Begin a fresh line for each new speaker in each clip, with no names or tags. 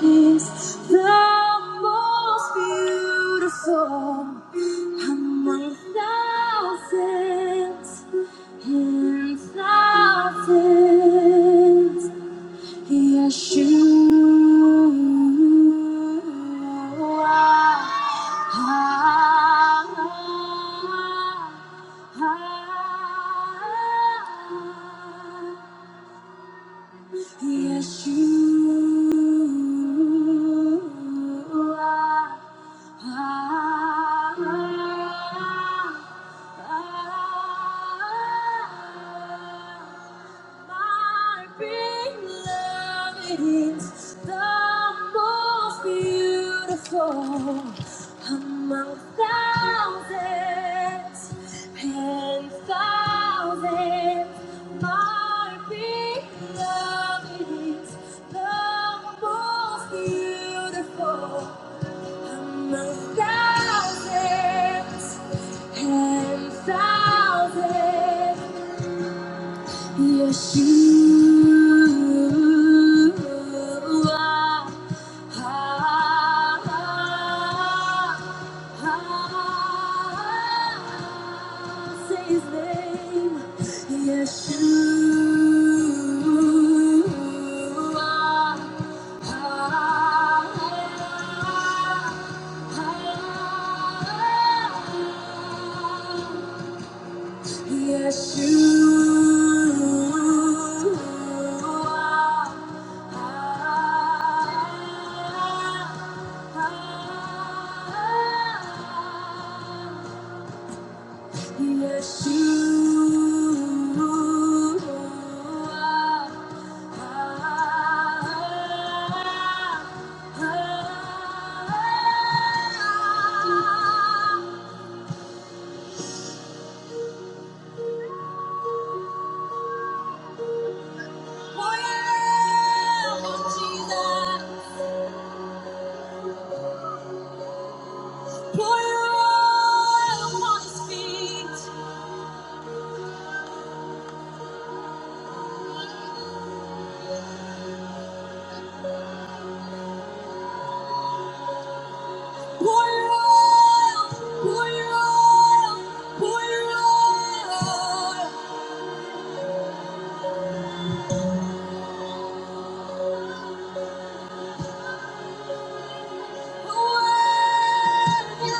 is the most beautiful among thousands and thousands. Yes, you Yeshua. Yes, you are. My beloved is the most beautiful among thousands and thousands. My beloved is the most beautiful. Thousands and thousands, yes, you are. Say his name, Yeshua. Yeshua. Yes, you are. Come on, come on.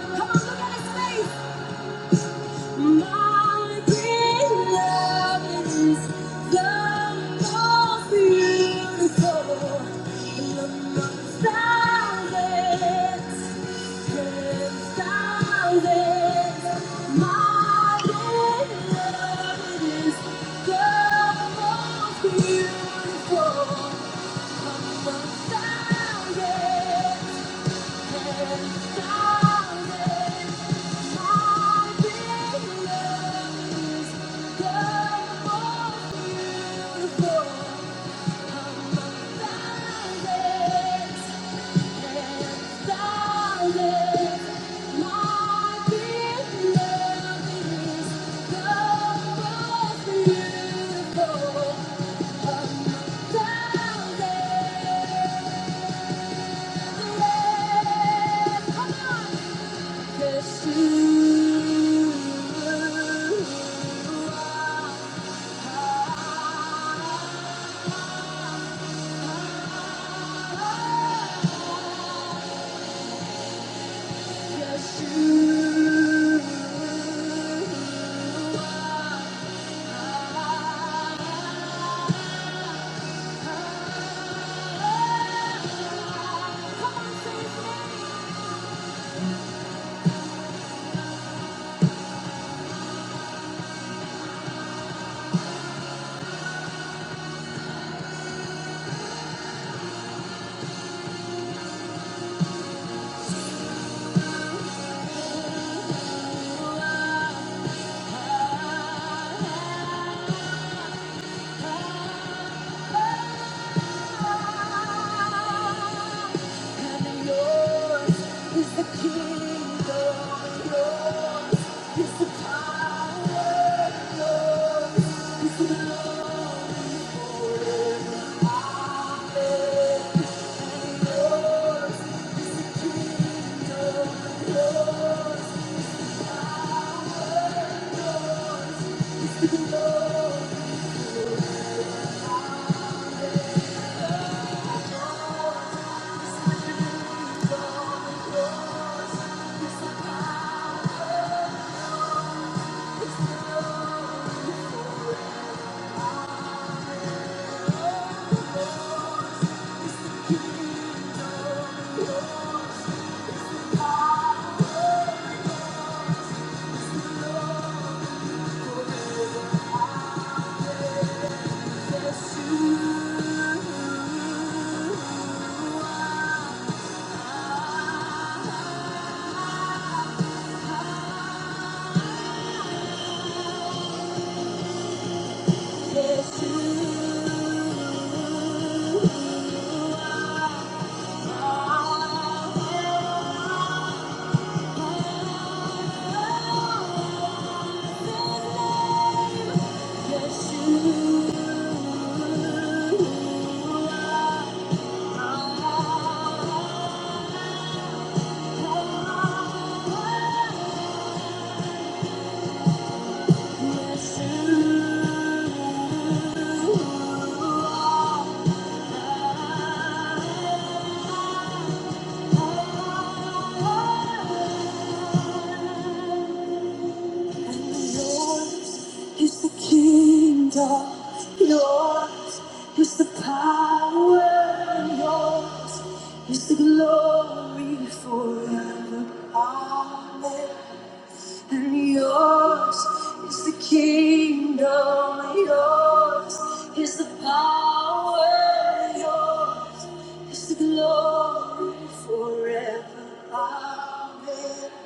Come on, look at his face. My beloved is the most beautiful among thousands and thousands. My beloved is the most beautiful among thousands. Come on! Just who Just you. and yours is the kingdom, and yours is the power, and yours is the glory, and yours is the power, kingdom. Ah, yes, you, yes, you are. Yes, you are Yours is the kingdom, yours is the power, yours is the glory forever. Amen. And yours is the kingdom, yours is the power, yours is the glory forever. Amen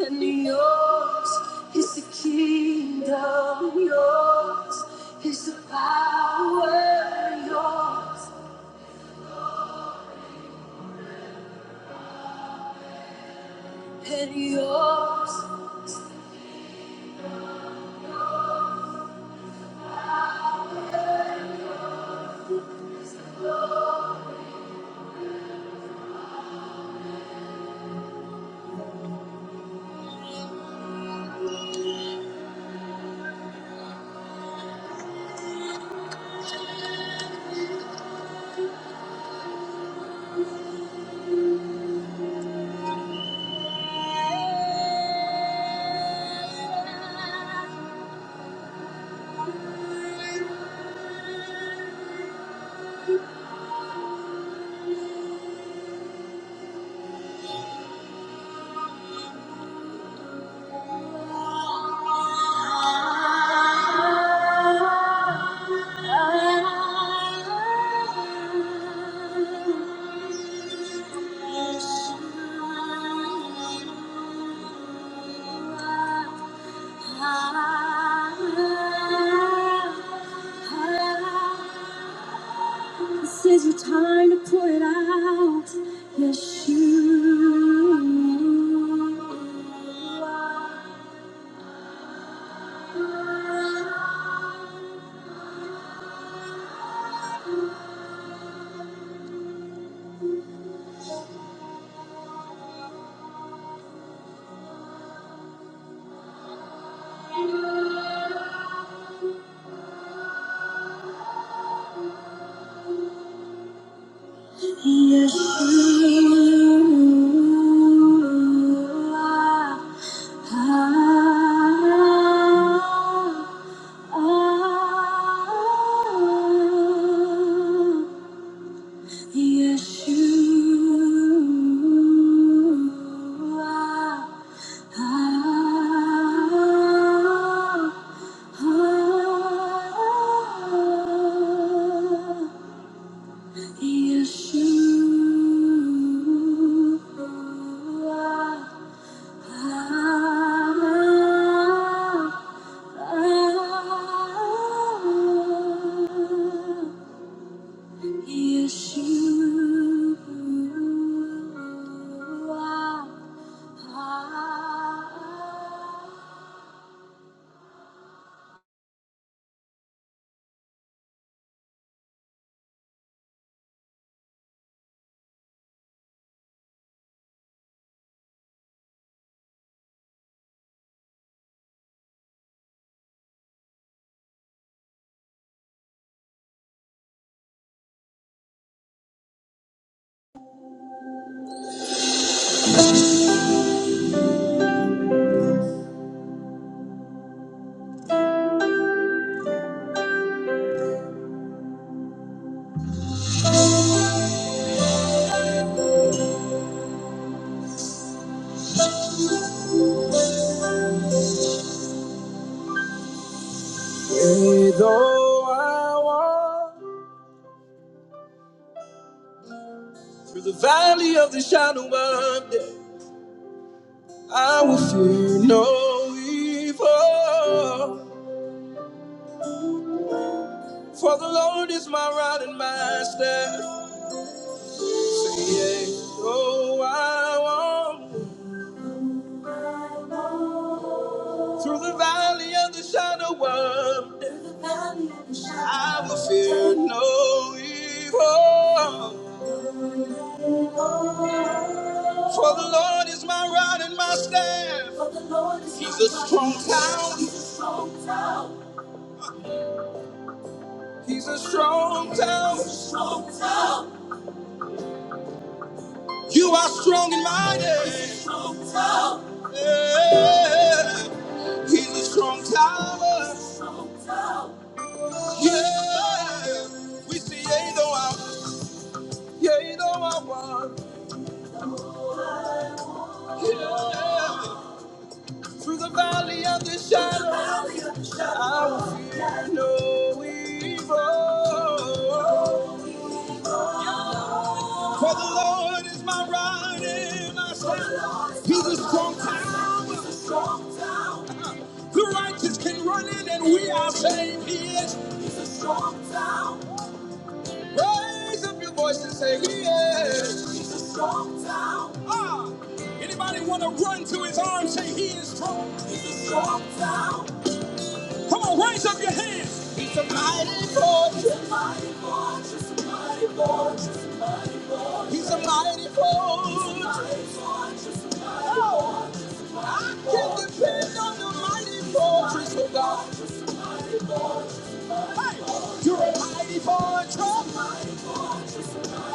and yours is the kingdom, yours is the power, yours and yours. This is your time to pour it out. Yes, you are. Yes, you are. Ah. Ah. ah. Yes, you are. Ah, ah. ah. Yes, you are. Ah, ah. ah. Yes, You are. Yea, Though I walk through the valley of the shadow of death, I will fear no evil. For the Lord is my rod and my staff. Say, yea, though I walk Through the valley of the shadow of death, I will fear no evil. For the Lord is my rod and my staff. He's a strong town. He's a strong town. You are strong and mighty. strong tower. Yeah. He's a strong tower. strong tower. Yeah. We see yea though I, yea though I walk. Yeah. Through the valley of the shadow, Through the valley of the shadow. I will fear no evil. For the Lord is my rod and my staff. He's a strong tower. The righteous can run in and we are saying he is. Raise up your voice and say he is. Ah, anybody want to run to his arms, say he is strong. Come on, raise up your hands. He's a mighty force. Oh, I can depend on the mighty fortress of God. Hey, you're a mighty fortress.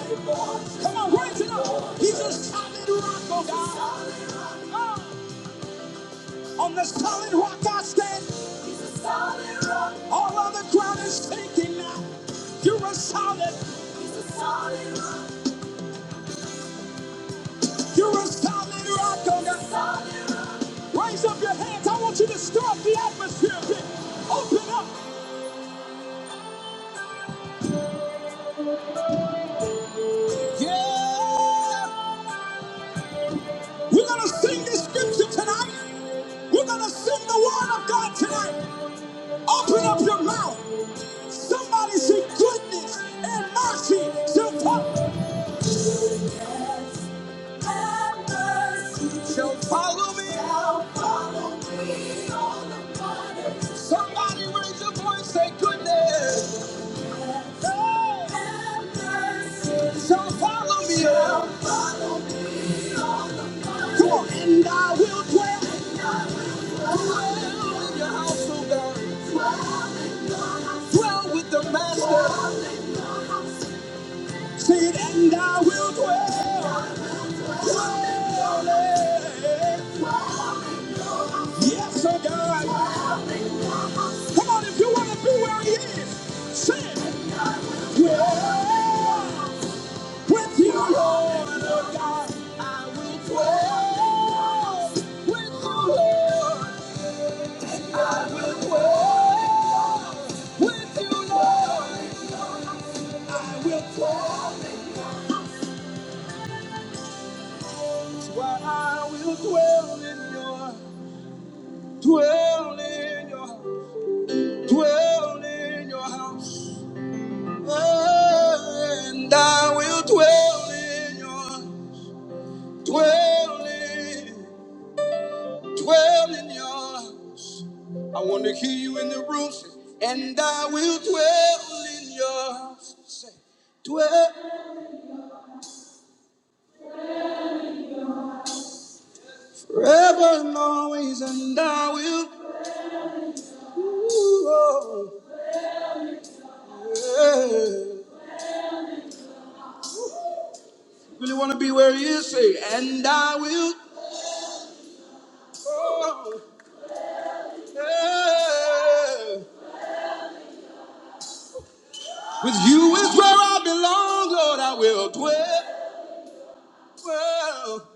Come on, raise it up. He's a solid rock, oh God. Oh. On the solid rock I stand. Solid rock. All other ground is sinking now. You're a solid. solid rock. You're a solid rock. Oh God. Solid rock. Raise up your hands. I want you to stir up the atmosphere a bit. Open up. Yeah. We're gonna sing this scripture tonight. We're gonna sing the word of God tonight. Open up your mouth. Somebody say goodness and mercy shall follow. Shall follow me. Shall follow me all the water. Somebody raise your voice, say goodness. Hey. Have mercy. Shall follow me. Shall follow me all the water. Come on, and I will dwell in your house, oh God. Dwell with the Master. Say it, and I will dwell. Dwell, eh. Yes, oh God. Come on, if you want to be where he is, say, Dwell with you, Lord, Lord God. Dwell with you, Lord. And I will dwell with you, Lord. And I will dwell. That's why I will dwell in your, dwell in your dwell in your house. And I will dwell in your Dwell in, dwell in your house. I want to hear you in the room say, and I will dwell in your house. Say, dwell forever and always, and I will. Ooh, oh, yeah. Really want to be where he is, say, and I will. Oh, yeah. With you is where I belong, Lord, I will dwell, dwell,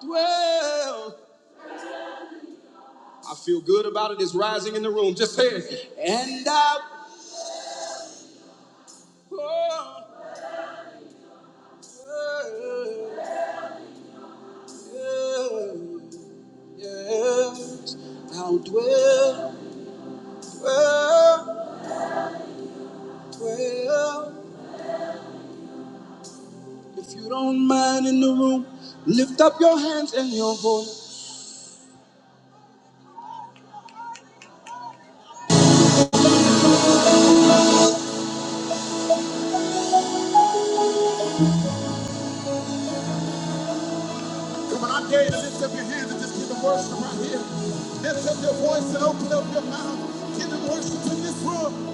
dwell. I feel good about it. It's rising in the room. Just say it. And I. oh, yeah, yes, I'll dwell, dwell, dwell. If you don't mind in the room, lift up your hands and your voice. Come on, I dare you to lift up your hands and just give them worship right here. Lift up your voice and open up your mouth. Give them worship in this room.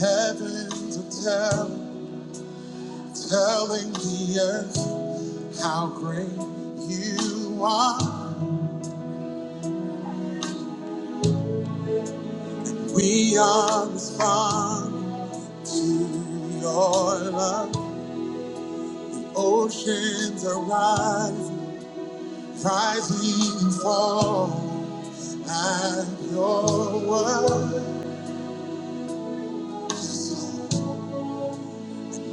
Heavens are tell, telling the earth. How great you are. We are responding to your love. Oceans are rising, rising and falling at your word.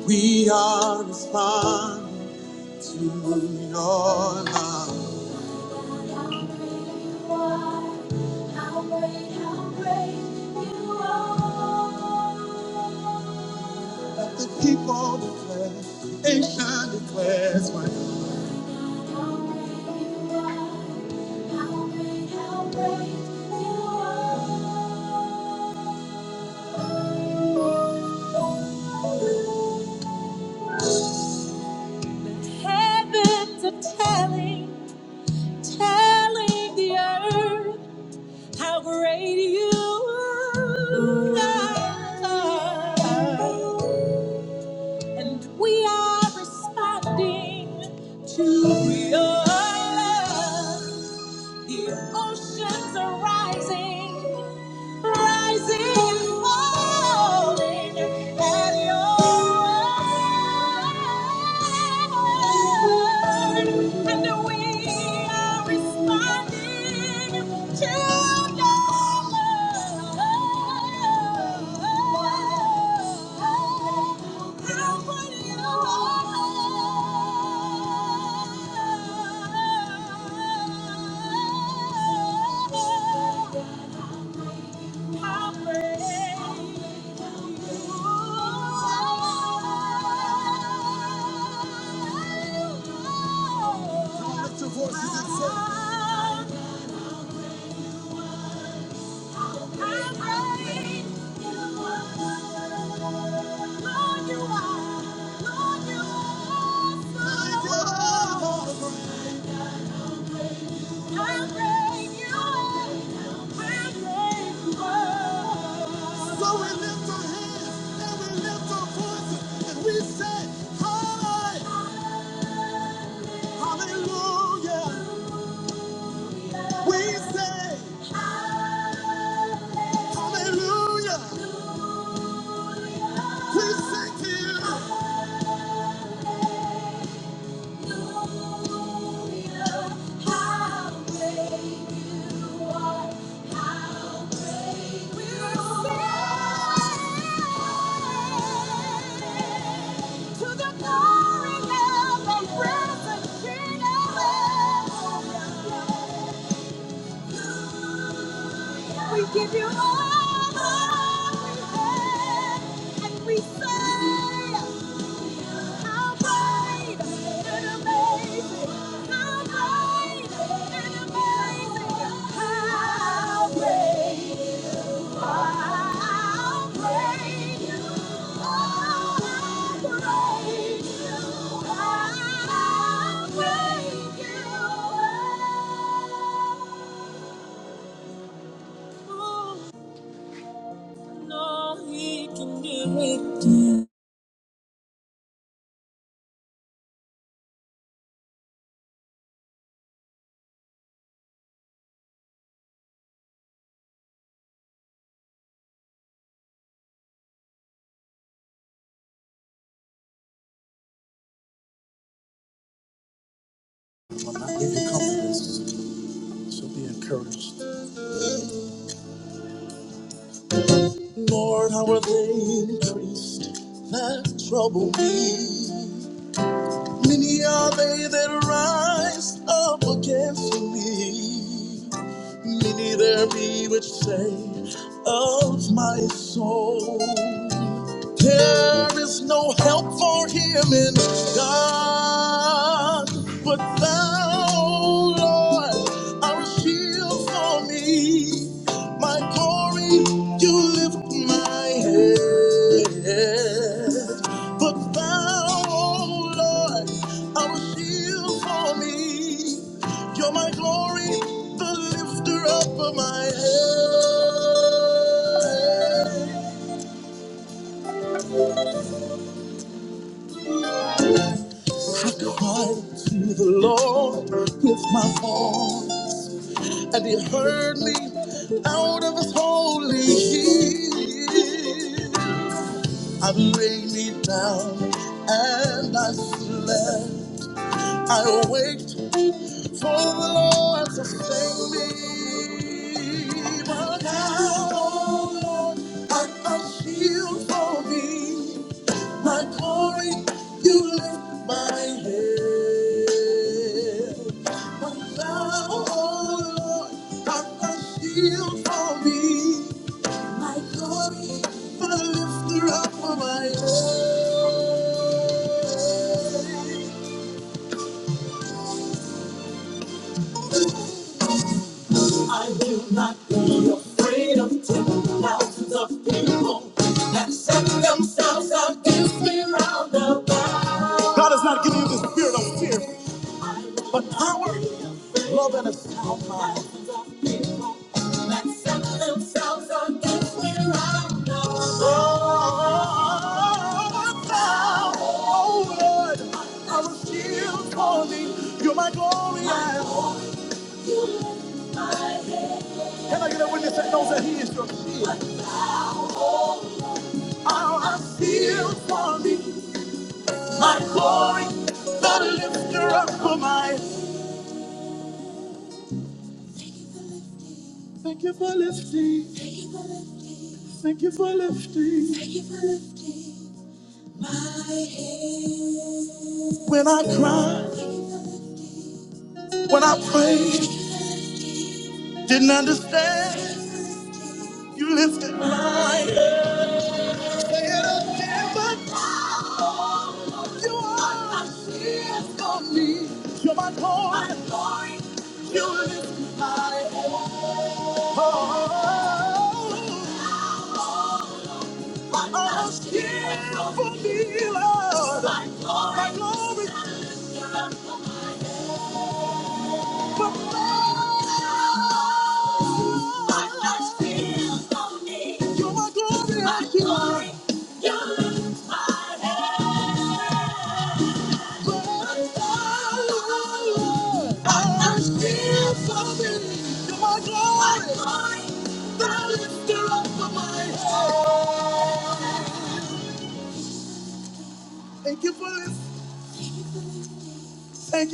We are responding to your love. How great you are. How great, how great you are. Let The people declare, the nation declares my Heavens are telling, telling the earth how great you are. And we are responding to your love. The oceans are rising. rising and falling at your word. And we are responding to your love. So we lift our hands and we lift our voices and we say, Hallelujah. hallelujah." We say hallelujah. We thank you. How How great great You are! How great we are! To the glory of the present King, of Hallelujah. We give you all the glory and we say. I give you confidence, so be encouraged. Lord, how are they increased that trouble me? Many are they that rise up against me neither be which say of my soul. There is no help for him in God, but thou, Lord, are a shield for me. My glory, you lift my head. But thou, Lord, are a shield for me. You're my glory, the lifter up of my head. I cried to the Lord with my voice, and He heard me out of His holy hill. I laid me down and I slept. I awaked. For the Lord sustain me. But now, oh Lord, a, a shield for me. My glory, you lift my head. But now, oh Lord, a, a shield for me. My glory, the lifter up of my head. God has not given you the spirit of fear, but power, love, and a sound. Oh, thou, oh Lord, I was still calling. You're my glory. Can I get a witness that knows that He is your King? I was still calling. Glory, the lifter up for my. Thank you for lifting. Thank you for lifting. Thank you for lifting my head. When I cried, when I prayed, didn't understand, you lifted. us here for thy glory. Thy glory. For Thy light shines on me. You're my glory. Thy I give. glory. You lift my head. Lord, Lord, Thy light shines on me. You're my glory. My glory. Thou lifter up of my head. Thank you for this. Thank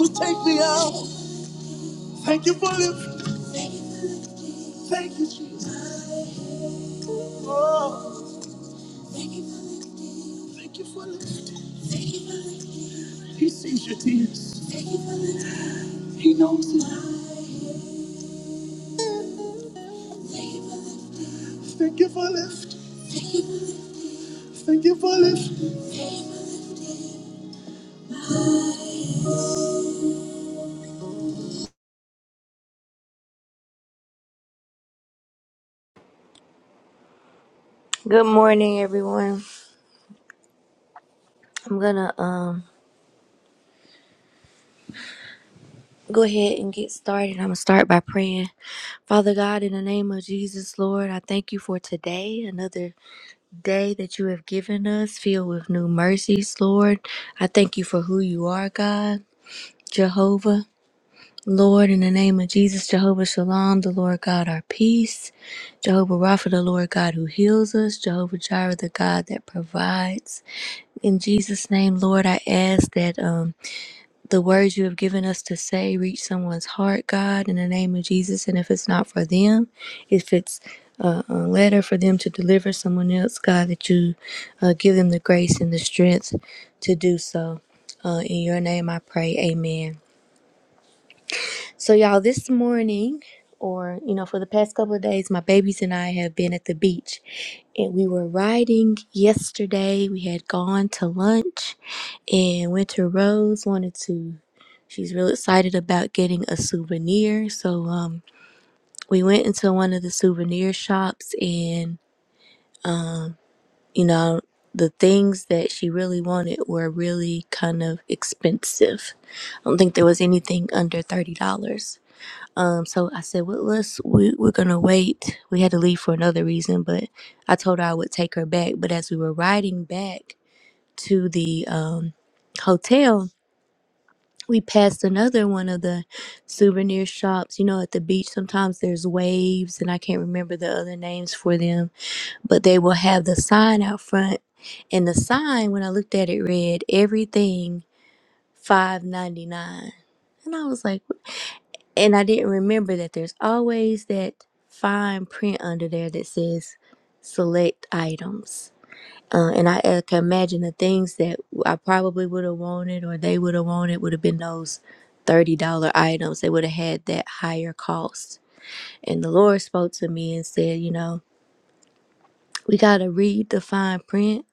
you. Take me. Thank you, Jesus.
Good morning, everyone. I'm gonna um go ahead and get started. I'm gonna start by praying. Father God, in the name of Jesus, Lord, I thank you for today, another day that you have given us, filled with new mercies, Lord. I thank you for who you are, God, Jehovah. Lord, in the name of Jesus, Jehovah Shalom, the Lord God, our peace. Jehovah Rapha, the Lord God who heals us. Jehovah Jireh, the God that provides. In Jesus' name, Lord, I ask that um the words you have given us to say reach someone's heart, God, in the name of Jesus. And if it's not for them, if it's uh, a letter for them to deliver someone else, God, that you uh, give them the grace and the strength to do so. Uh, in your name I pray, amen. So, y'all, this morning, or you know, for the past couple of days, my babies and I have been at the beach and we were riding yesterday. We had gone to lunch and Winter Rose wanted to, she's real excited about getting a souvenir. So, um, we went into one of the souvenir shops and you know, the things that she really wanted were really kind of expensive. I don't think there was anything under $30. Um, so I said, well, let's, we, we're going to wait. We had to leave for another reason, but I told her I would take her back. But as we were riding back to the um, hotel, we passed another one of the souvenir shops. You know, at the beach, sometimes there's waves, and I can't remember the other names for them, but they will have the sign out front. And the sign, when I looked at it, read everything five ninety nine. And I was like, And I didn't remember that there's always that fine print under there that says select items. Uh, and I, I can imagine the things that I probably would have wanted or they would have wanted would have been those $30 items. They would have had that higher cost. And the Lord spoke to me and said, You know, we got to read the fine print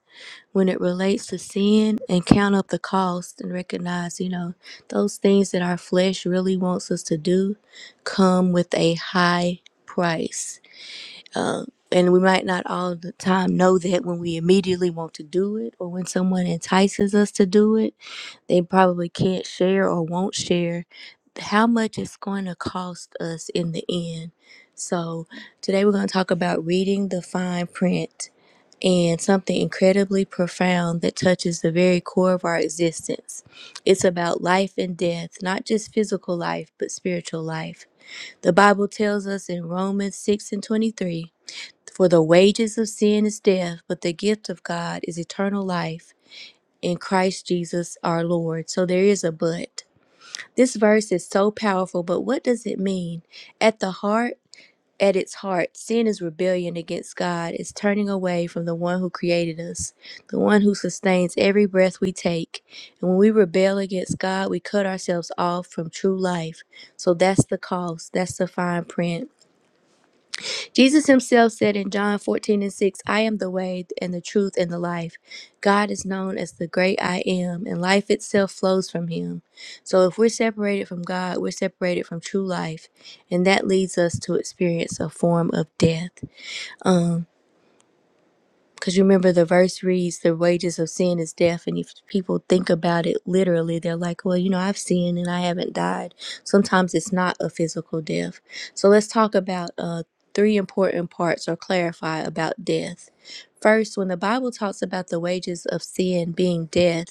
when it relates to sin and count up the cost and recognize, you know, those things that our flesh really wants us to do come with a high price. Uh, and we might not all the time know that when we immediately want to do it or when someone entices us to do it, they probably can't share or won't share how much it's going to cost us in the end. So, today we're going to talk about reading the fine print and something incredibly profound that touches the very core of our existence. It's about life and death, not just physical life, but spiritual life. The Bible tells us in Romans 6 and 23 For the wages of sin is death, but the gift of God is eternal life in Christ Jesus our Lord. So there is a but. This verse is so powerful, but what does it mean? At the heart, at its heart, sin is rebellion against God, it's turning away from the one who created us, the one who sustains every breath we take. And when we rebel against God, we cut ourselves off from true life. So that's the cost, that's the fine print. Jesus himself said in John 14 and 6, I am the way and the truth and the life. God is known as the great I am, and life itself flows from him. So if we're separated from God, we're separated from true life, and that leads us to experience a form of death. Um, because remember, the verse reads, The wages of sin is death. And if people think about it literally, they're like, Well, you know, I've sinned and I haven't died. Sometimes it's not a physical death. So let's talk about uh, three important parts or clarify about death. First, when the Bible talks about the wages of sin being death,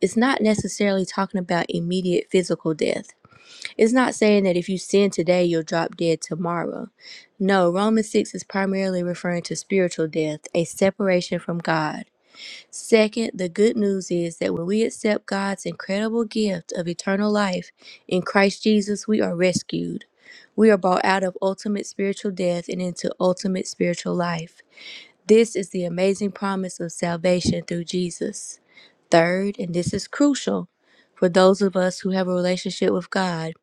it's not necessarily talking about immediate physical death. It's not saying that if you sin today, you'll drop dead tomorrow. No, Romans 6 is primarily referring to spiritual death, a separation from God. Second, the good news is that when we accept God's incredible gift of eternal life in Christ Jesus, we are rescued. We are brought out of ultimate spiritual death and into ultimate spiritual life. This is the amazing promise of salvation through Jesus. Third, and this is crucial for those of us who have a relationship with God.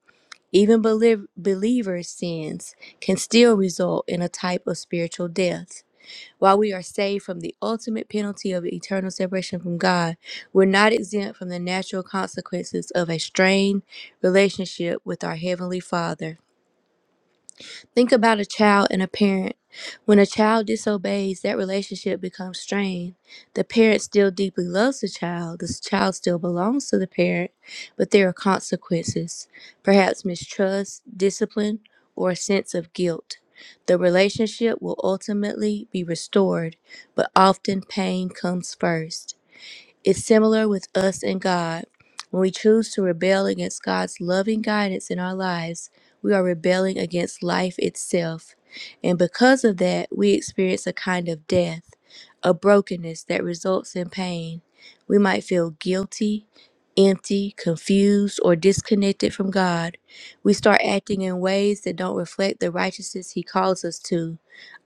Even belie- believers' sins can still result in a type of spiritual death. While we are saved from the ultimate penalty of eternal separation from God, we're not exempt from the natural consequences of a strained relationship with our Heavenly Father. Think about a child and a parent. When a child disobeys, that relationship becomes strained. The parent still deeply loves the child. The child still belongs to the parent, but there are consequences perhaps mistrust, discipline, or a sense of guilt. The relationship will ultimately be restored, but often pain comes first. It's similar with us and God. When we choose to rebel against God's loving guidance in our lives, we are rebelling against life itself. And because of that, we experience a kind of death, a brokenness that results in pain. We might feel guilty, empty, confused, or disconnected from God. We start acting in ways that don't reflect the righteousness He calls us to.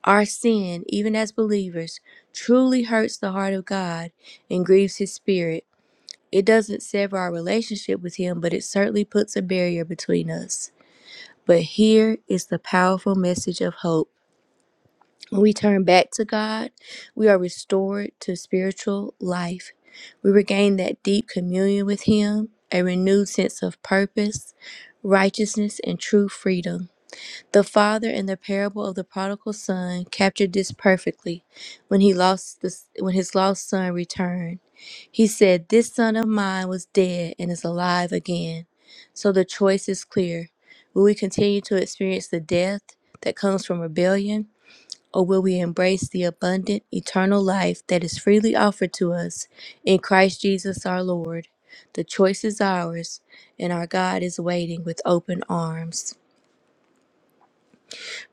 Our sin, even as believers, truly hurts the heart of God and grieves his spirit. It doesn't sever our relationship with him, but it certainly puts a barrier between us. But here is the powerful message of hope. When we turn back to God, we are restored to spiritual life. We regain that deep communion with him, a renewed sense of purpose, righteousness, and true freedom. The father in the parable of the prodigal son captured this perfectly when he lost the, when his lost son returned. He said, "This son of mine was dead and is alive again." So the choice is clear. Will we continue to experience the death that comes from rebellion, or will we embrace the abundant eternal life that is freely offered to us in Christ Jesus our Lord? The choice is ours, and our God is waiting with open arms.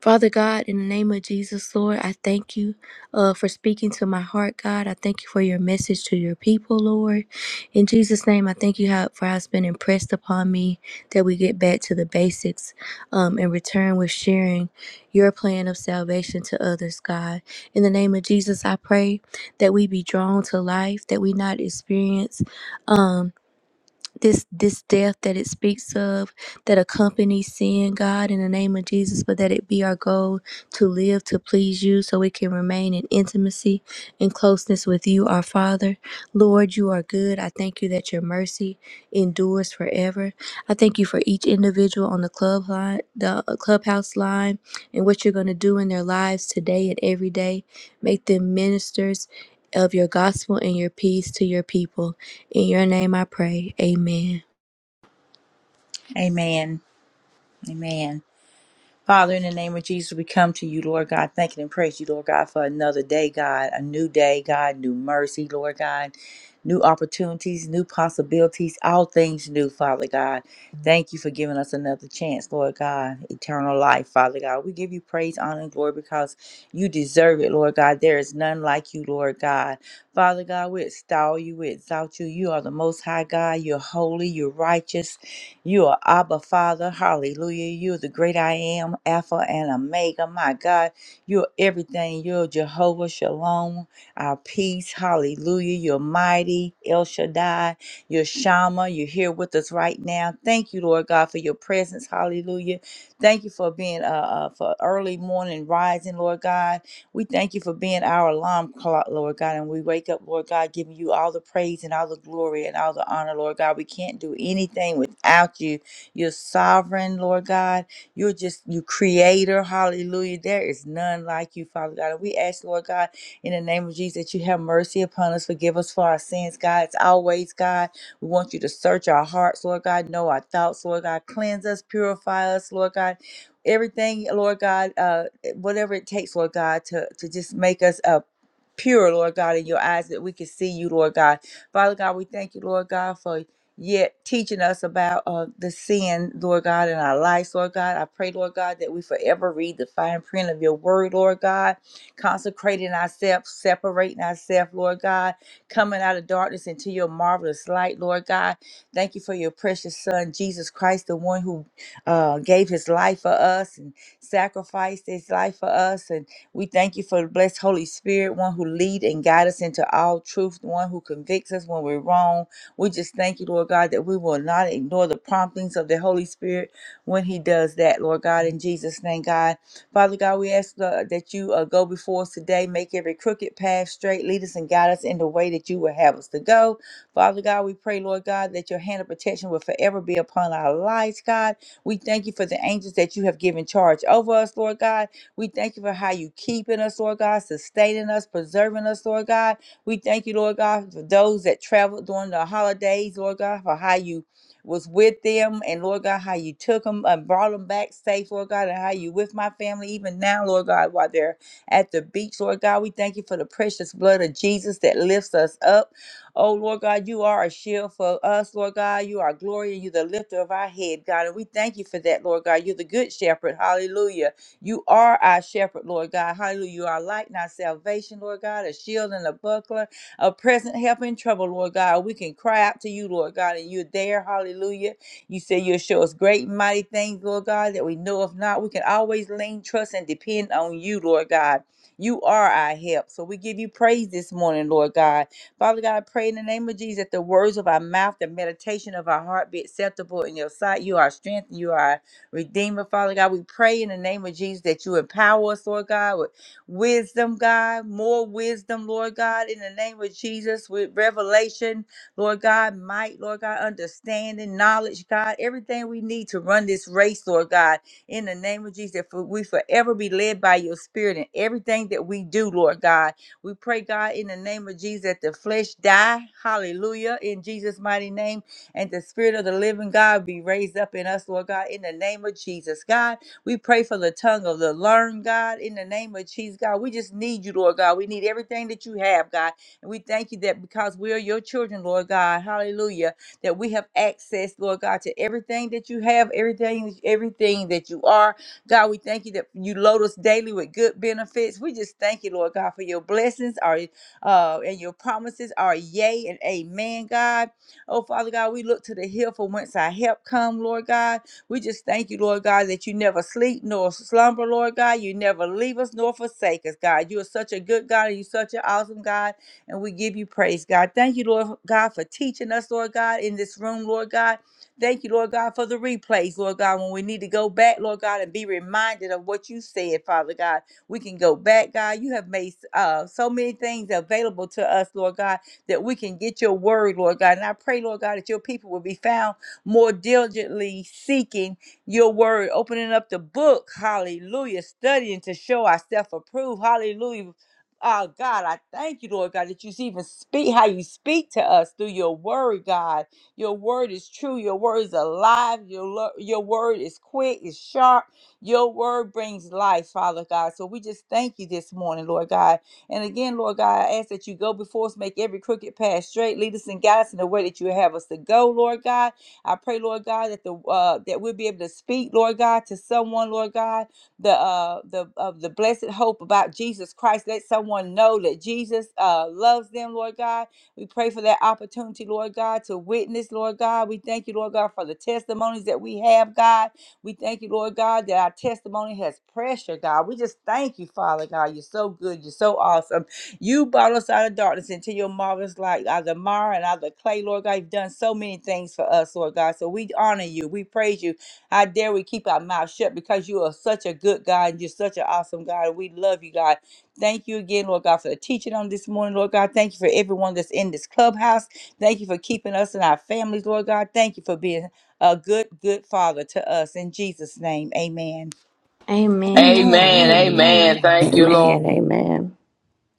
Father God, in the name of Jesus, Lord, I thank you uh, for speaking to my heart, God. I thank you for your message to your people, Lord. In Jesus' name, I thank you how, for how it's been impressed upon me that we get back to the basics um, and return with sharing your plan of salvation to others, God. In the name of Jesus, I pray that we be drawn to life, that we not experience. Um, this this death that it speaks of that accompanies sin god in the name of jesus but that it be our goal to live to please you so we can remain in intimacy and closeness with you our father lord you are good i thank you that your mercy endures forever i thank you for each individual on the club line the uh, clubhouse line and what you're going to do in their lives today and every day make them ministers of your gospel and your peace to your people in your name I pray. Amen.
Amen. Amen. Father, in the name of Jesus, we come to you, Lord God, thanking and praise you, Lord God, for another day, God, a new day, God, new mercy, Lord God, new opportunities, new possibilities, all things new, Father God. Thank you for giving us another chance, Lord God, eternal life, Father God. We give you praise, honor, and glory because you deserve it, Lord God. There is none like you, Lord God. Father God, we extol you, we exalt you. You are the most high God. You're holy, you're righteous. You are Abba Father. Hallelujah. You're the great I am, Alpha and Omega. My God, you're everything. You're Jehovah Shalom, our peace. Hallelujah. You're mighty, El Shaddai. You're Shama. You're here with us right now. Thank you, Lord God, for your presence. Hallelujah. Thank you for being uh, uh for early morning rising, Lord God. We thank you for being our alarm clock, Lord God. And we wake up, Lord God, giving you all the praise and all the glory and all the honor, Lord God. We can't do anything without you. You're sovereign, Lord God. You're just you creator. Hallelujah. There is none like you, Father God. And we ask, Lord God, in the name of Jesus, that you have mercy upon us. Forgive us for our sins, God. It's always, God. We want you to search our hearts, Lord God. Know our thoughts, Lord God. Cleanse us, purify us, Lord God everything, Lord God. uh, eh, whatever it takes, Lord God, to, to just make us a Pure, Lord God, in your eyes that we can see you, Lord God. Father God, we thank you, Lord God, for yet teaching us about uh, the sin, Lord God, in our lives, Lord God. I pray, Lord God, that we forever read the fine print of your word, Lord God, consecrating ourselves, separating ourselves, Lord God, coming out of darkness into your marvelous light, Lord God. Thank you for your precious Son, Jesus Christ, the one who uh, gave his life for us. and sacrificed his life for us. And we thank you for the blessed Holy Spirit, one who lead and guide us into all truth, the one who convicts us when we're wrong. We just thank you, Lord God, that we will not ignore the promptings of the Holy Spirit when he does that, Lord God, in Jesus' name, God. Father God, we ask uh, that you uh, go before us today, make every crooked path straight, lead us and guide us in the way that you would have us to go. Father God, we pray, Lord God, that your hand of protection will forever be upon our lives, God. We thank you for the angels that you have given charge over us, Lord God. We thank you for how you keeping us, Lord God, sustaining us, preserving us, Lord God. We thank you, Lord God, for those that traveled during the holidays, Lord God, for how you was with them and Lord God, how you took them and brought them back safe, Lord God, and how you with my family even now, Lord God, while they're at the beach, Lord God. We thank you for the precious blood of Jesus that lifts us up. Oh, Lord God, you are a shield for us, Lord God. You are glory and you're the lifter of our head, God. And we thank you for that, Lord God. You're the good shepherd. Hallelujah. You are our shepherd, Lord God. Hallelujah. You are light and our salvation, Lord God, a shield and a buckler, a present help in trouble, Lord God. We can cry out to you, Lord God, and you're there. Hallelujah. You say you'll show us great and mighty things, Lord God, that we know of not. We can always lean, trust, and depend on you, Lord God. You are our help. So we give you praise this morning, Lord God. Father God, I pray in the name of Jesus that the words of our mouth, the meditation of our heart be acceptable in your sight. You are our strength, you are our redeemer, Father God. We pray in the name of Jesus that you empower us, Lord God, with wisdom, God, more wisdom, Lord God, in the name of Jesus, with revelation, Lord God, might, Lord God, understanding, knowledge, God, everything we need to run this race, Lord God, in the name of Jesus, that for we forever be led by your spirit in everything that we do, Lord God we pray, God, in the name of Jesus, that the flesh die. Hallelujah. In Jesus' mighty name. And the spirit of the living God be raised up in us, Lord God, in the name of Jesus. God, we pray for the tongue of the learned, God, in the name of Jesus, God. We just need you, Lord God. We need everything that you have, God. And we thank you that because we are your children, Lord God. Hallelujah. That we have access, Lord God, to everything that you have, everything, everything that you are. God, we thank you that you load us daily with good benefits. We just thank you, Lord God, for your blessings are uh, and your promises are yea and amen, God. Oh, Father God, we look to the hill from whence our help come, Lord God. We just thank you, Lord God, that you never sleep nor slumber, Lord God. You never leave us nor forsake us, God. You are such a good God and you're such an awesome God, and we give you praise, God. Thank you, Lord God, for teaching us, Lord God, in this room, Lord God. Thank you, Lord God, for the replays, Lord God. When we need to go back, Lord God, and be reminded of what you said, Father God, we can go back, God. You have made uh, so many things available to us, Lord God, that we can get your word, Lord God. And I pray, Lord God, that your people will be found more diligently seeking your word, opening up the book, hallelujah, studying to show ourselves approved, hallelujah. Oh God, I thank you, Lord God, that you even speak how you speak to us through your word, God. Your word is true. Your word is alive. Your, lo- your word is quick, it's sharp. Your word brings life, Father God. So we just thank you this morning, Lord God. And again, Lord God, I ask that you go before us, make every crooked path straight, lead us and guide us in the way that you have us to go, Lord God. I pray, Lord God, that the uh, that we'll be able to speak, Lord God, to someone, Lord God, the uh, the of the blessed hope about Jesus Christ. Let someone know that Jesus uh, loves them, Lord God we pray for that opportunity, Lord God, to witness, Lord God. We thank you, Lord God, for the testimonies that we have, God. We thank you, Lord God, that our testimony has pressure, God. We just thank you, Father God. You're so good. You're so awesome. You brought us out of darkness into your marvelous light, out of the mire and out of the clay, Lord God. You've done so many things for us, Lord God. So we honor you. We praise you. How dare we keep our mouth shut because you are such a good God and you're such an awesome God. And we love you, God. Thank you again, Lord God, for the teaching on this morning, Lord God. Thank you for everyone that's in this clubhouse. Thank you for keeping us and our families, Lord God. Thank you for being a good, good father to us. In Jesus' name, amen.
Amen.
Amen.
Amen. Amen.
Amen.
Thank
Amen.
you, Lord.
Amen. Amen.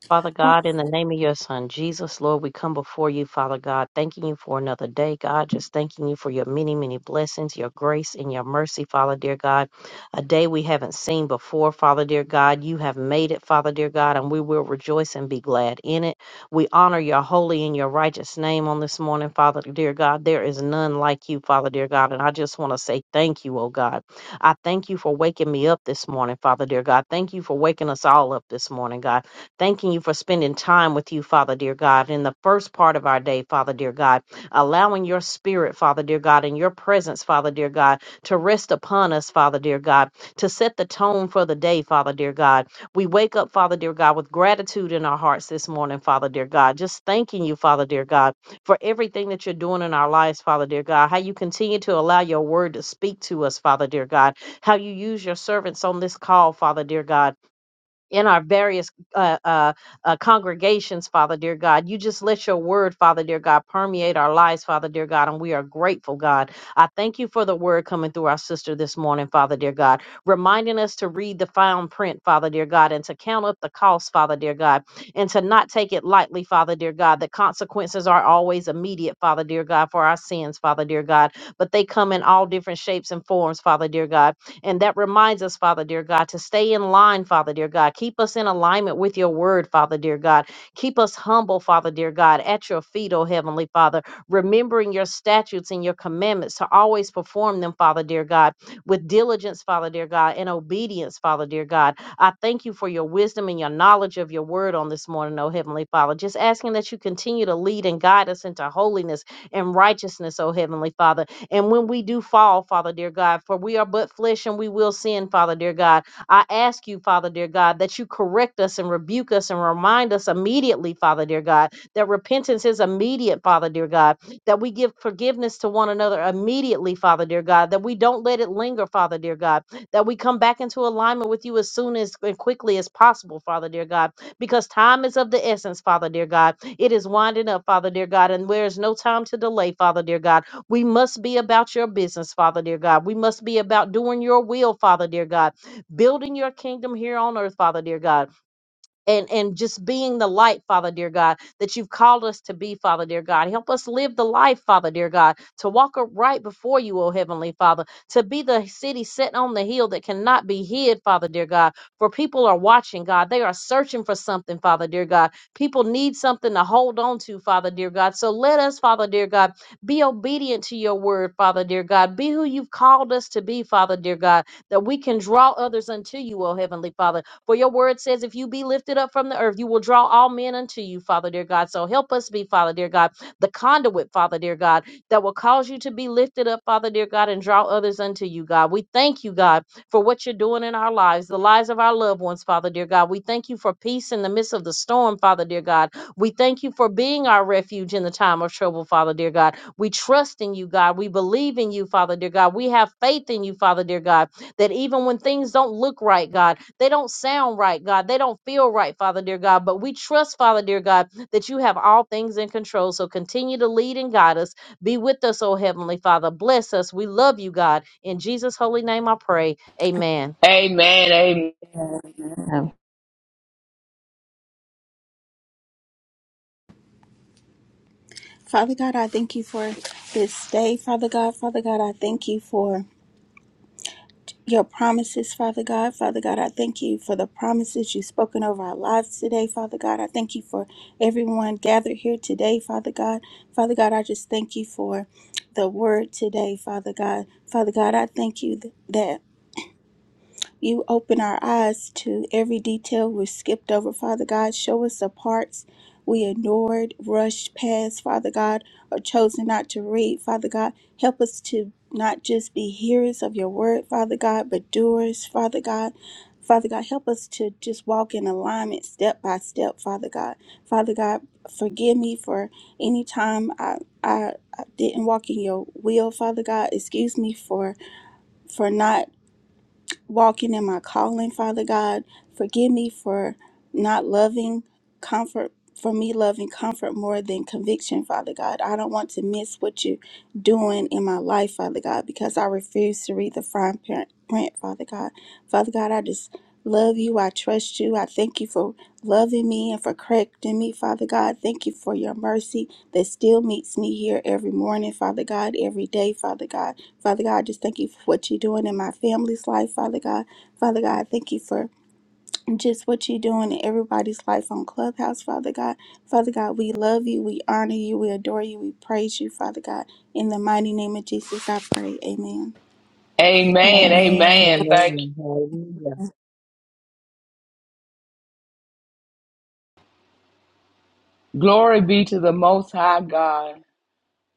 Father
Fa-
God, in the name of your Son, Jesus, Lord, we come before you, Father God, thanking you for another day, God, just thanking you for your many, many blessings, your grace, and your mercy, Father, dear God. A day we haven't seen before, Father, dear God. You have made it, Father, dear God, and we will rejoice and be glad in it. We honor your holy and your righteous name on this morning, Father, dear God. There is none like you, Father, dear God, and I just want to say thank you, oh God. I thank you for waking me up this morning, Father, dear God. Thank you for waking us all up this morning, God. Thanking you for spending time with you, Father, dear God, in the first part of our day, Father, dear God, allowing your spirit, Father, dear God, and your presence, Father, dear God, to rest upon us, Father, dear God, to set the tone for the day, Father, dear God. We wake up, Father, dear God, with gratitude in our hearts this morning, Father, dear God, just thanking you, Father, dear God, for everything that you're doing in our lives, Father, dear God, how you continue to allow your word to speak to us, Father, dear God, how you use your servants on this call, Father, dear God in our various uh, uh, uh, congregations, Father dear God. You just let your word, Father dear God, permeate our lives, Father dear God, and we are grateful, God. I thank you for the word coming through our sister this morning, Father dear God, reminding us to read the fine print, Father dear God, and to count up the cost, Father dear God, and to not take it lightly, Father dear God. The consequences are always immediate, Father dear God, for our sins, Father dear God, but they come in all different shapes and forms, Father dear God and that reminds us, Father, dear God, to stay in line, Father, dear God. Keep us in alignment with your word, Father, dear God. Keep us humble, Father, dear God, at your feet, oh Heavenly Father, remembering your statutes and your commandments to always perform them, Father, dear God, with diligence, Father, dear God, and obedience, Father, dear God. I thank you for your wisdom and your knowledge of your word on this morning, oh Heavenly Father. Just asking that you continue to lead and guide us into holiness and righteousness, oh Heavenly Father and when we do fall, Father dear God, for we are but flesh and we will sin, Father dear God, I ask you, Father dear God, that you correct us and rebuke us and remind us immediately, Father dear God, that repentance is immediate, Father dear God, that we give forgiveness to one another immediately, Father dear God, that we don't let it linger, Father dear God, that we come back into alignment with you as soon as and quickly as possible, Father dear God, because time is of the essence, Father dear God. It is winding up, Father dear God, and there is no time to delay, Father dear God. We must be about your business, Father, dear God. We must be about doing your will, Father, dear God, building your kingdom here on earth, Father, dear God and and just being the light father dear god that you've called us to be father dear god help us live the life father dear god to walk upright before you o heavenly father to be the city set on the hill that cannot be hid father dear god for people are watching god they are searching for something father dear god people need something to hold on to father dear god so let us father dear god be obedient to your word father dear god be who you've called us to be father dear god that we can draw others unto you o heavenly father for your word says, if you be lifted up from the earth, you will draw all men unto you, Father dear God. So help us be, Father dear God, the conduit, Father dear God, that will cause you to be lifted up, Father dear God, and draw others unto you, God. We thank you, God, for what you're doing in our lives, the lives of our loved ones, Father dear God. We thank you for peace in the midst of the storm, Father dear God. We thank you for being our refuge in the time of trouble, Father dear God. We trust in you, God. We believe in you, Father dear God. We have faith in you, Father dear God that even when things don't look right, God, they don't sound right, God, they don't feel right, Father dear God, but we trust, Father dear God, that you have all things in control. So continue to lead and guide us. Be with us, oh Heavenly Father. Bless us. We love you, God. In Jesus' holy name I pray. Amen.
Amen. Amen.
Father God, I thank you for this day. Father God, Father God, I thank you for your promises, Father God. Father God, I thank you for the promises you've spoken over our lives today, Father God. I thank you for everyone gathered here today, Father God. Father God, I just thank you for the word today, Father God. Father God, I thank you th- that. You open our eyes to every detail we skipped over, Father God. Show us the parts we ignored, rushed past, Father God, or chosen not to read, Father God. Help us to not just be hearers of your word, Father God, but doers, Father God. Father God, help us to just walk in alignment step by step, Father God. Father God, forgive me for any time I, I, I didn't walk in your will, Father God. Excuse me for for not walking in my calling, Father God. Forgive me for not loving comfort, for me loving comfort more than conviction, Father God. I don't want to miss what you're doing in my life, Father God, because I refuse to read the fine print, print, Father God. Father God, I just love you. I trust you. I thank you for loving me and for correcting me, Father God. Thank you for your mercy that still meets me here every morning, Father God, every day, Father God. Father God, just thank you for what you're doing in my family's life, Father God. Father God, thank you for just what you're doing in everybody's life on Clubhouse, Father God. Father God, we love you, we honor you, we adore you, we praise you, Father God. In the mighty name of Jesus, I pray. Amen.
Amen.
Amen.
Amen.
Amen. Thank
Amen. Hallelujah.
you. Glory be to the Most High God.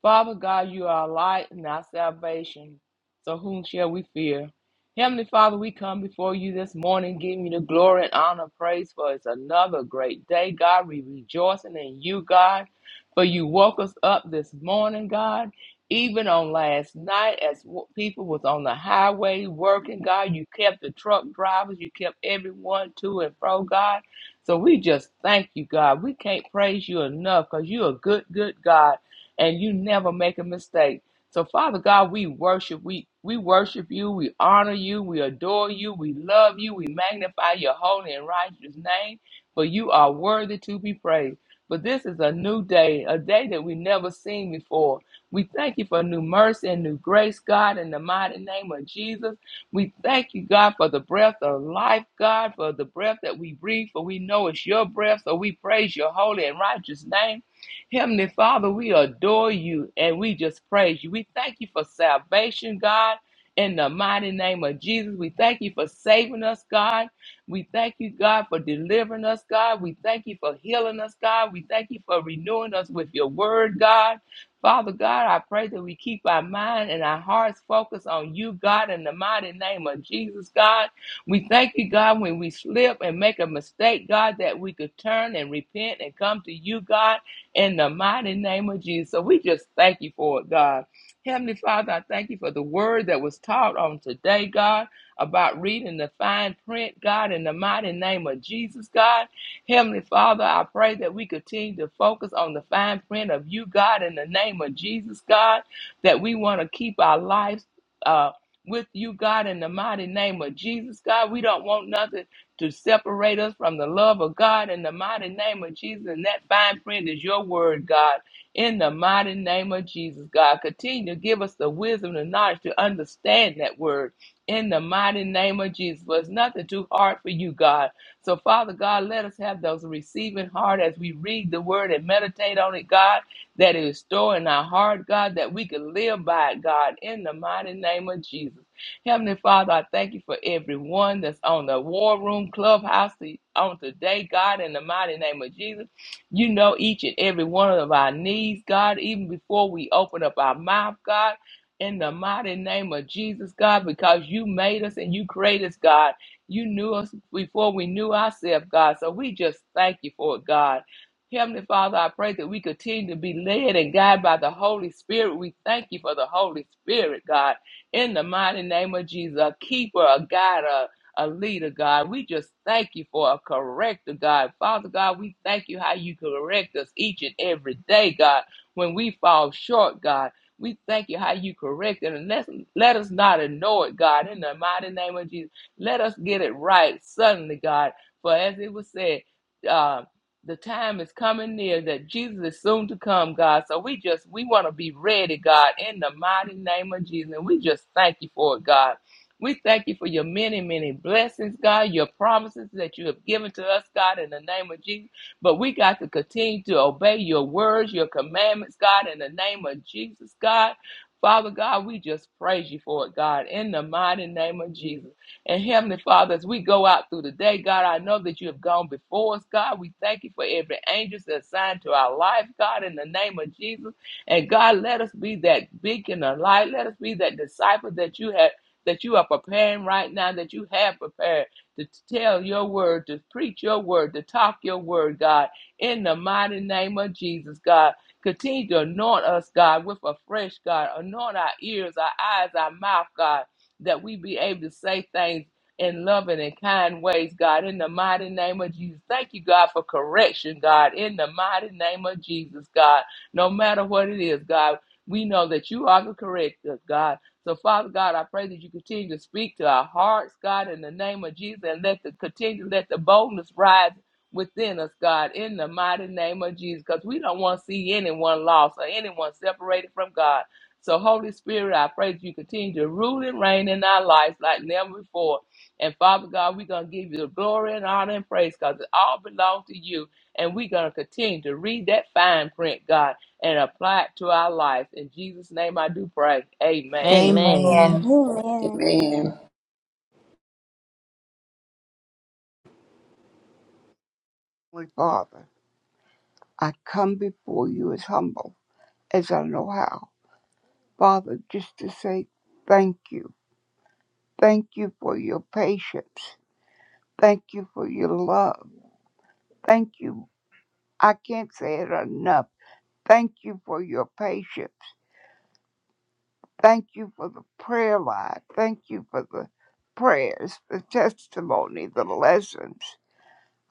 Father God, you are our light and our salvation. So whom shall we fear? Heavenly Father, we come before you this morning, giving you the glory and honor, praise for it's another great day, God. We rejoicing in you, God, for you woke us up this morning, God. Even on last night, as w- people was on the highway working, God, you kept the truck drivers, you kept everyone to and fro, God. So we just thank you, God. We can't praise you enough because you're a good, good God and you never make a mistake. So, Father God, we worship. We we worship you. We honor you. We adore you. We love you. We magnify your holy and righteous name, for you are worthy to be praised. But this is a new day, a day that we never seen before. We thank you for new mercy and new grace, God, in the mighty name of Jesus. We thank you, God, for the breath of life, God, for the breath that we breathe, for we know it's your breath. So we praise your holy and righteous name. Heavenly Father, we adore you and we just praise you. We thank you for salvation, God. In the mighty name of Jesus, we thank you for saving us, God. We thank you, God, for delivering us, God. We thank you for healing us, God. We thank you for renewing us with your word, God. Father God, I pray that we keep our mind and our hearts focused on you, God, in the mighty name of Jesus, God. We thank you, God, when we slip and make a mistake, God, that we could turn and repent and come to you, God in the mighty name of Jesus. So we just thank you for it, God. Heavenly Father, I thank you for the word that was taught on today, God, about reading the fine print, God, in the mighty name of Jesus, God. Heavenly Father, I pray that we continue to focus on the fine print of you, God, in the name of Jesus, God, that we want to keep our lives uh, with you, God, in the mighty name of Jesus, God. We don't want nothing to separate us from the love of God in the mighty name of Jesus. And that fine print is your word, God, in the mighty name of Jesus, God. Continue to give us the wisdom and knowledge to understand that word in the mighty name of Jesus. But it's nothing too hard for you, God. So, Father God, let us have those receiving heart as we read the word and meditate on it, God, that it is stored in our heart, God, that we can live by it, God, in the mighty name of Jesus. Heavenly Father, I thank you for everyone that's on the War Room Clubhouse to- on today, God, in the mighty name of Jesus. You know each and every one of our needs, God, even before we open up our mouth, God, in the mighty name of Jesus, God, because you made us and you created us, God. You knew us before we knew ourselves, God. So we just thank you for it, God. Heavenly Father, I pray that we continue to be led and guided by the Holy Spirit. We thank you for the Holy Spirit, God. In the mighty name of Jesus, a keeper, a guide, a, a leader, God. We just thank you for a corrector, God. Father God, we thank you how you correct us each and every day, God, when we fall short, God. We thank you how you correct it and let, let us not ignore it, God. In the mighty name of Jesus, let us get it right suddenly, God. For as it was said, uh, the time is coming near that Jesus is soon to come, God. So we just we want to be ready, God, in the mighty name of Jesus. And we just thank you for it, God. We thank you for your many, many blessings, God, your promises that you have given to us, God, in the name of Jesus. But we got to continue to obey your words, your commandments, God, in the name of Jesus, God. Father God, we just praise you for it, God, in the mighty name of Jesus. And Heavenly Father, as we go out through the day, God, I know that you have gone before us, God. We thank you for every angel that's assigned to our life, God, in the name of Jesus. And God, let us be that beacon of light. Let us be that disciple that you have that you are preparing right now, that you have prepared to tell your word, to preach your word, to talk your word, God, in the mighty name of Jesus, God. Continue to anoint us, God, with a fresh God. Anoint our ears, our eyes, our mouth, God that we be able to say things in loving and kind ways, God, in the mighty name of Jesus. Thank you, God, for correction, God, in the mighty name of Jesus, God. No matter what it is, God, we know that you are the corrector, God. So, Father God, I pray that you continue to speak to our hearts, God, in the name of Jesus, and let the continue let the boldness rise within us, God, in the mighty name of Jesus, because we don't want to see anyone lost or anyone separated from God. So, Holy Spirit, I pray that you continue to rule and reign in our lives like never before. And Father God, we're going to give you the glory and honor and praise because it all belongs to you. And we're going to continue to read that fine print, God, and apply it to our lives. In Jesus' name, I do pray. Amen.
Amen.
Amen.
Amen.
Amen.
Amen.
Heavenly Father, I come before you as humble as I know how. Father, just to say thank you. Thank you for your patience. Thank you for your love. Thank you. I can't say it enough. Thank you for your patience. Thank you for the prayer life. Thank you for the prayers, the testimony, the lessons.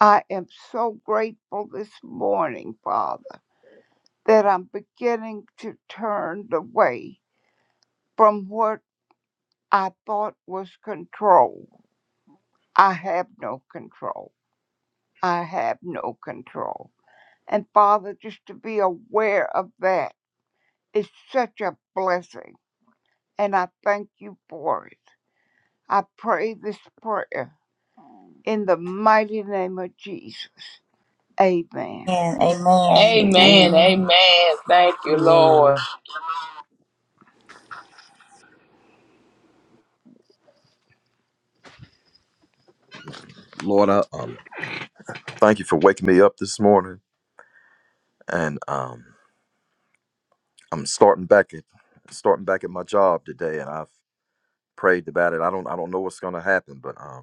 I am so grateful this morning, Father, that I'm beginning to turn the way from what I thought was control. I have no control. I have no control. And Father, just to be aware of that is such a blessing. And I thank you for it. I pray this prayer in the mighty name of Jesus. Amen.
And amen.
Amen.
Amen.
Amen.
Amen. Thank you, Lord.
Amen.
Lord, I um, thank you for waking me up this morning, and um, I'm starting back at starting back at my job today, and I've prayed about it. I don't I don't know what's gonna happen, but um,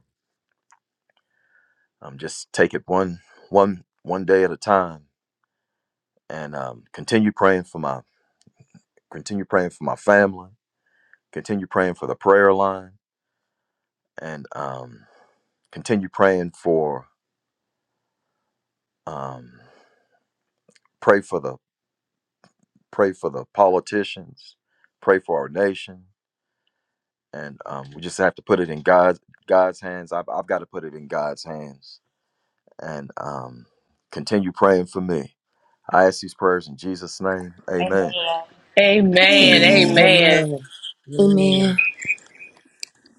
um, just take it one one one day at a time and um, continue praying for my continue praying for my family continue praying for the prayer line and um, continue praying for um, pray for the pray for the politicians pray for our nation and um, we just have to put it in god's god's hands i've, I've got to put it in god's hands and um, continue praying for me i ask these prayers in jesus name
Amen.
amen
Amen.
Amen.
Amen.
Amen. Amen.
Amen.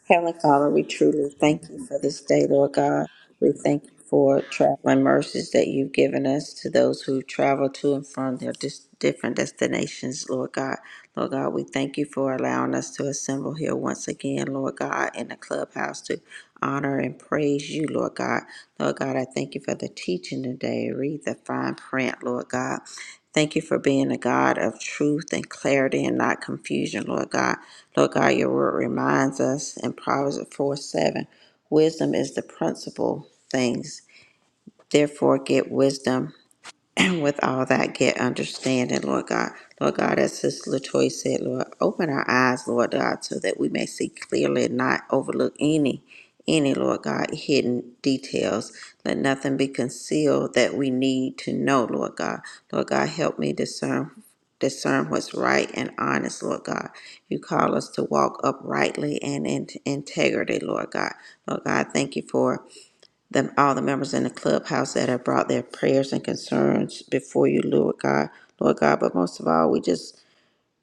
Heavenly Father, we truly thank you for this day, Lord God. We thank you for traveling mercies that you've given us to those who travel to and from their dis- different destinations, Lord God. Lord God, we thank you for allowing us to assemble here once again, Lord God, in the clubhouse to honor and praise you, Lord God. Lord God, I thank you for the teaching today. Read the fine print, Lord God. Thank you for being a God of truth and clarity and not confusion, Lord God. Lord God, your word reminds us in Proverbs 4 7 wisdom is the principal things. Therefore, get wisdom and with all that get understanding, Lord God. Lord God, as Sister Latoya said, Lord, open our eyes, Lord God, so that we may see clearly and not overlook any, any, Lord God, hidden details. Let nothing be concealed that we need to know, Lord God. Lord God, help me discern discern what's right and honest, Lord God. You call us to walk uprightly and in integrity, Lord God. Lord God, thank you for them all the members in the clubhouse that have brought their prayers and concerns before you, Lord God, Lord God. But most of all, we just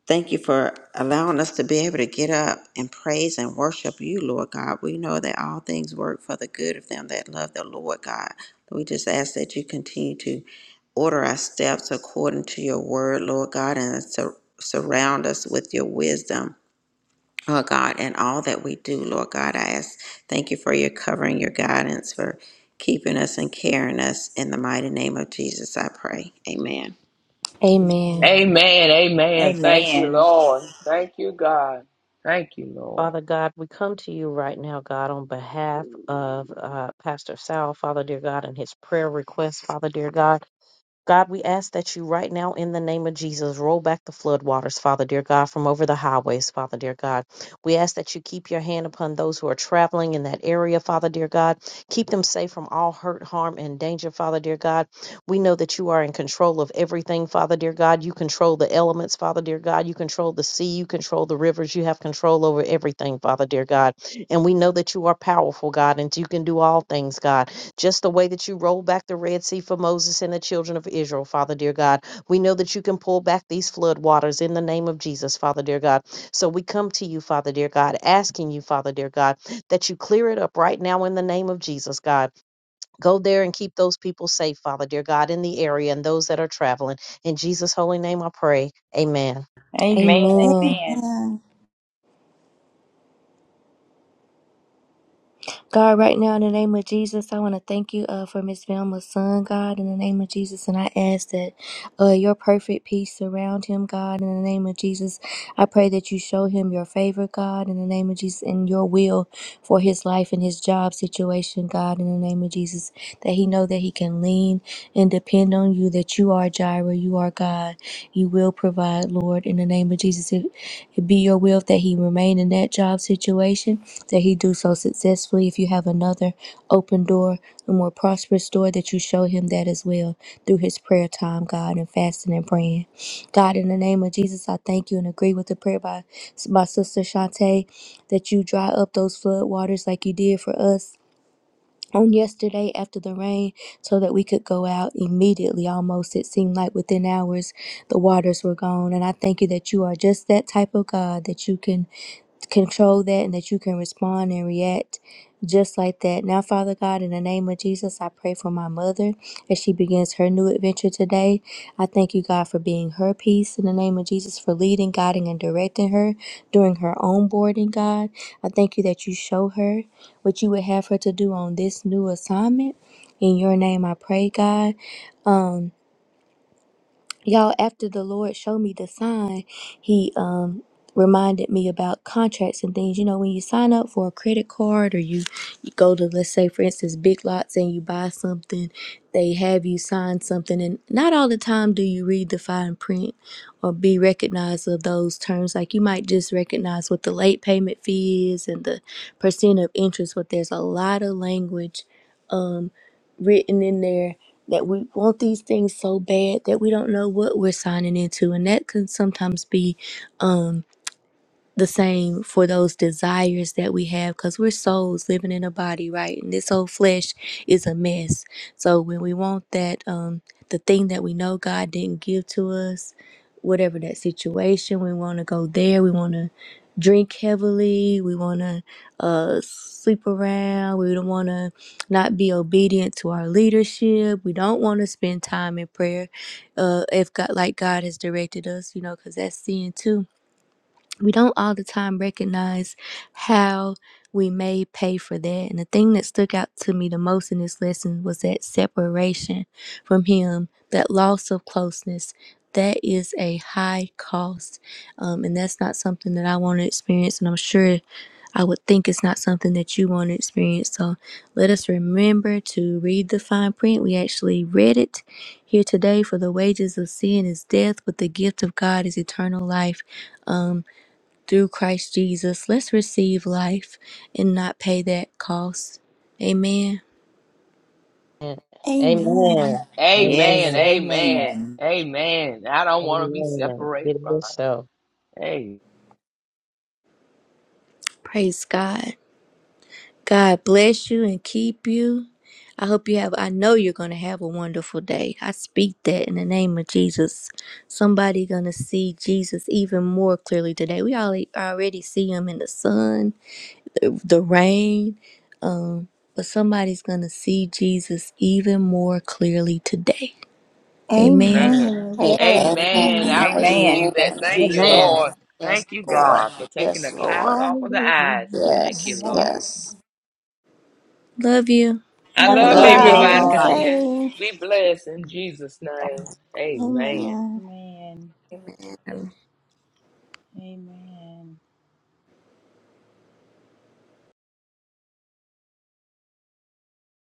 thank you for allowing us to be able to get up and praise and worship you, Lord God. We know that all things work for the good of them that love the Lord God. We just ask that you continue to order our steps according to your word, Lord God, and sur- surround us with your wisdom oh God, and all that we do, Lord God. I ask, thank you for your covering, your guidance, for keeping us and carrying us. In the mighty name of Jesus, I pray. Amen.
Amen.
Amen.
Amen. Amen. Thank you,
Amen.
Lord. Thank you, God. Thank you, Lord.
Father God, we come to you right now, God, on behalf of uh, Pastor Sal, Father dear God, and his prayer request, Father dear God. God, we ask that you right now, in the name of Jesus, roll back the floodwaters, Father dear God, from over the highways, Father dear God. We ask that you keep your hand upon those who are traveling in that area, Father dear God. Keep them safe from all hurt, harm, and danger, Father dear God. We know that you are in control of everything, Father dear God. You control the elements, Father dear God. You control the sea. You control the rivers. You have control over everything, Father dear God. And we know that you are powerful, God, and you can do all things, God just the way that you rolled back the Red Sea for Moses and the children of Israel, Father dear God. We know that you can pull back these flood waters in the name of Jesus, Father dear God. So we come to you, Father dear God, asking you, Father dear God, that you clear it up right now in the name of Jesus, God. Go there and keep those people safe, Father dear God, in the area and those that are traveling. In Jesus' holy name I pray. Amen.
Amen.
Amen.
Amen.
God, right now, in the name of Jesus, I want to thank you uh, for Miss Velma's son, God, in the name of Jesus. And I ask that uh, your perfect peace surround him, God, in the name of Jesus. I pray that you show him your favor, God, in the name of Jesus, and your will for his life and his job situation, God, in the name of Jesus. That he know that he can lean and depend on you, that you are Jireh, you are God. You will provide, Lord, in the name of Jesus. If it be your will that he remain in that job situation, that he do so successfully. If you have another open door, a more prosperous door, that you show him that as well through his prayer time, God, and fasting and praying. God, in the name of Jesus, I thank you and agree with the prayer by my sister Shantae that you dry up those flood waters like you did for us on yesterday after the rain so that we could go out immediately almost it seemed like within hours the waters were gone and i thank you that you are just that type of god that you can control that and that you can respond and react just like that. Now, Father God, in the name of Jesus, I pray for my mother as she begins her new adventure today. I thank you, God, for being her peace in the name of Jesus, for leading, guiding, and directing her during her own boarding, God. I thank you that you show her what you would have her to do on this new assignment. In your name, I pray, God y'all after the lord showed me the sign he um reminded me about contracts and things you know when you sign up for a credit card or you, you go to let's say for instance big lots and you buy something they have you sign something and not all the time do you read the fine print or be recognized of those terms like you might just recognize what the late payment fee is and the percent of interest but there's a lot of language written in there that we want these things so bad that we don't know what we're signing into and that can sometimes be um, the same for those desires that we have because we're souls living in a body right and this whole flesh is a mess so when we want that um the thing that we know god didn't give to us whatever that situation we want to go there we want to drink heavily we want to uh sleep around we don't want to not be obedient to our leadership we don't want to spend time in prayer uh if god like god has directed us you know because that's sin too we don't all the time recognize how we may pay for that. And the thing that stuck out to me the most in this lesson was that separation from Him, that loss of closeness. That is a high cost. Um, and that's not something that I want to experience. And I'm sure I would think it's not something that you want to experience. So let us remember to read the fine print. We actually read it here today for the wages of sin is death, but the gift of God is eternal life. Um, through Christ Jesus. Let's receive life and not pay that cost. Amen.
Amen.
Amen.
Amen.
Amen.
Yes,
Amen.
Amen.
amen.
Amen. I don't want to be
Amen.
separated
It
from
is so.
it.
Praise God. God bless you and keep you. I hope you have, I know you're going to have a wonderful day. I speak that in the name of Jesus. Somebody going to see Jesus even more clearly today. We all already see him in the sun, the, the rain, um, but somebody's going to see Jesus even more clearly today. Amen.
Amen.
Amen.
Amen.
Yes.
Amen.
Amen.
I receive
Amen.
Amen.
that.
Thank you,
Thank you,
Jesus.
Amen.
Amen.
Lord.
Yes,
Thank you,
Lord.
God, for taking the
Yes,
clouds
Lord.
off of the
Hallelujah.
eyes. Thank you,
Yes,
Lord.
yes.
Love you.
I
Have a
Love
love
Love
Love
great
you,
y'all.
day,
Be
everybody.
y'all.
everybody.
everyone.
Continue. to
safe.
Be blessed in Jesus' name. Amen.
Amen.
Amen.
Amen.
Amen.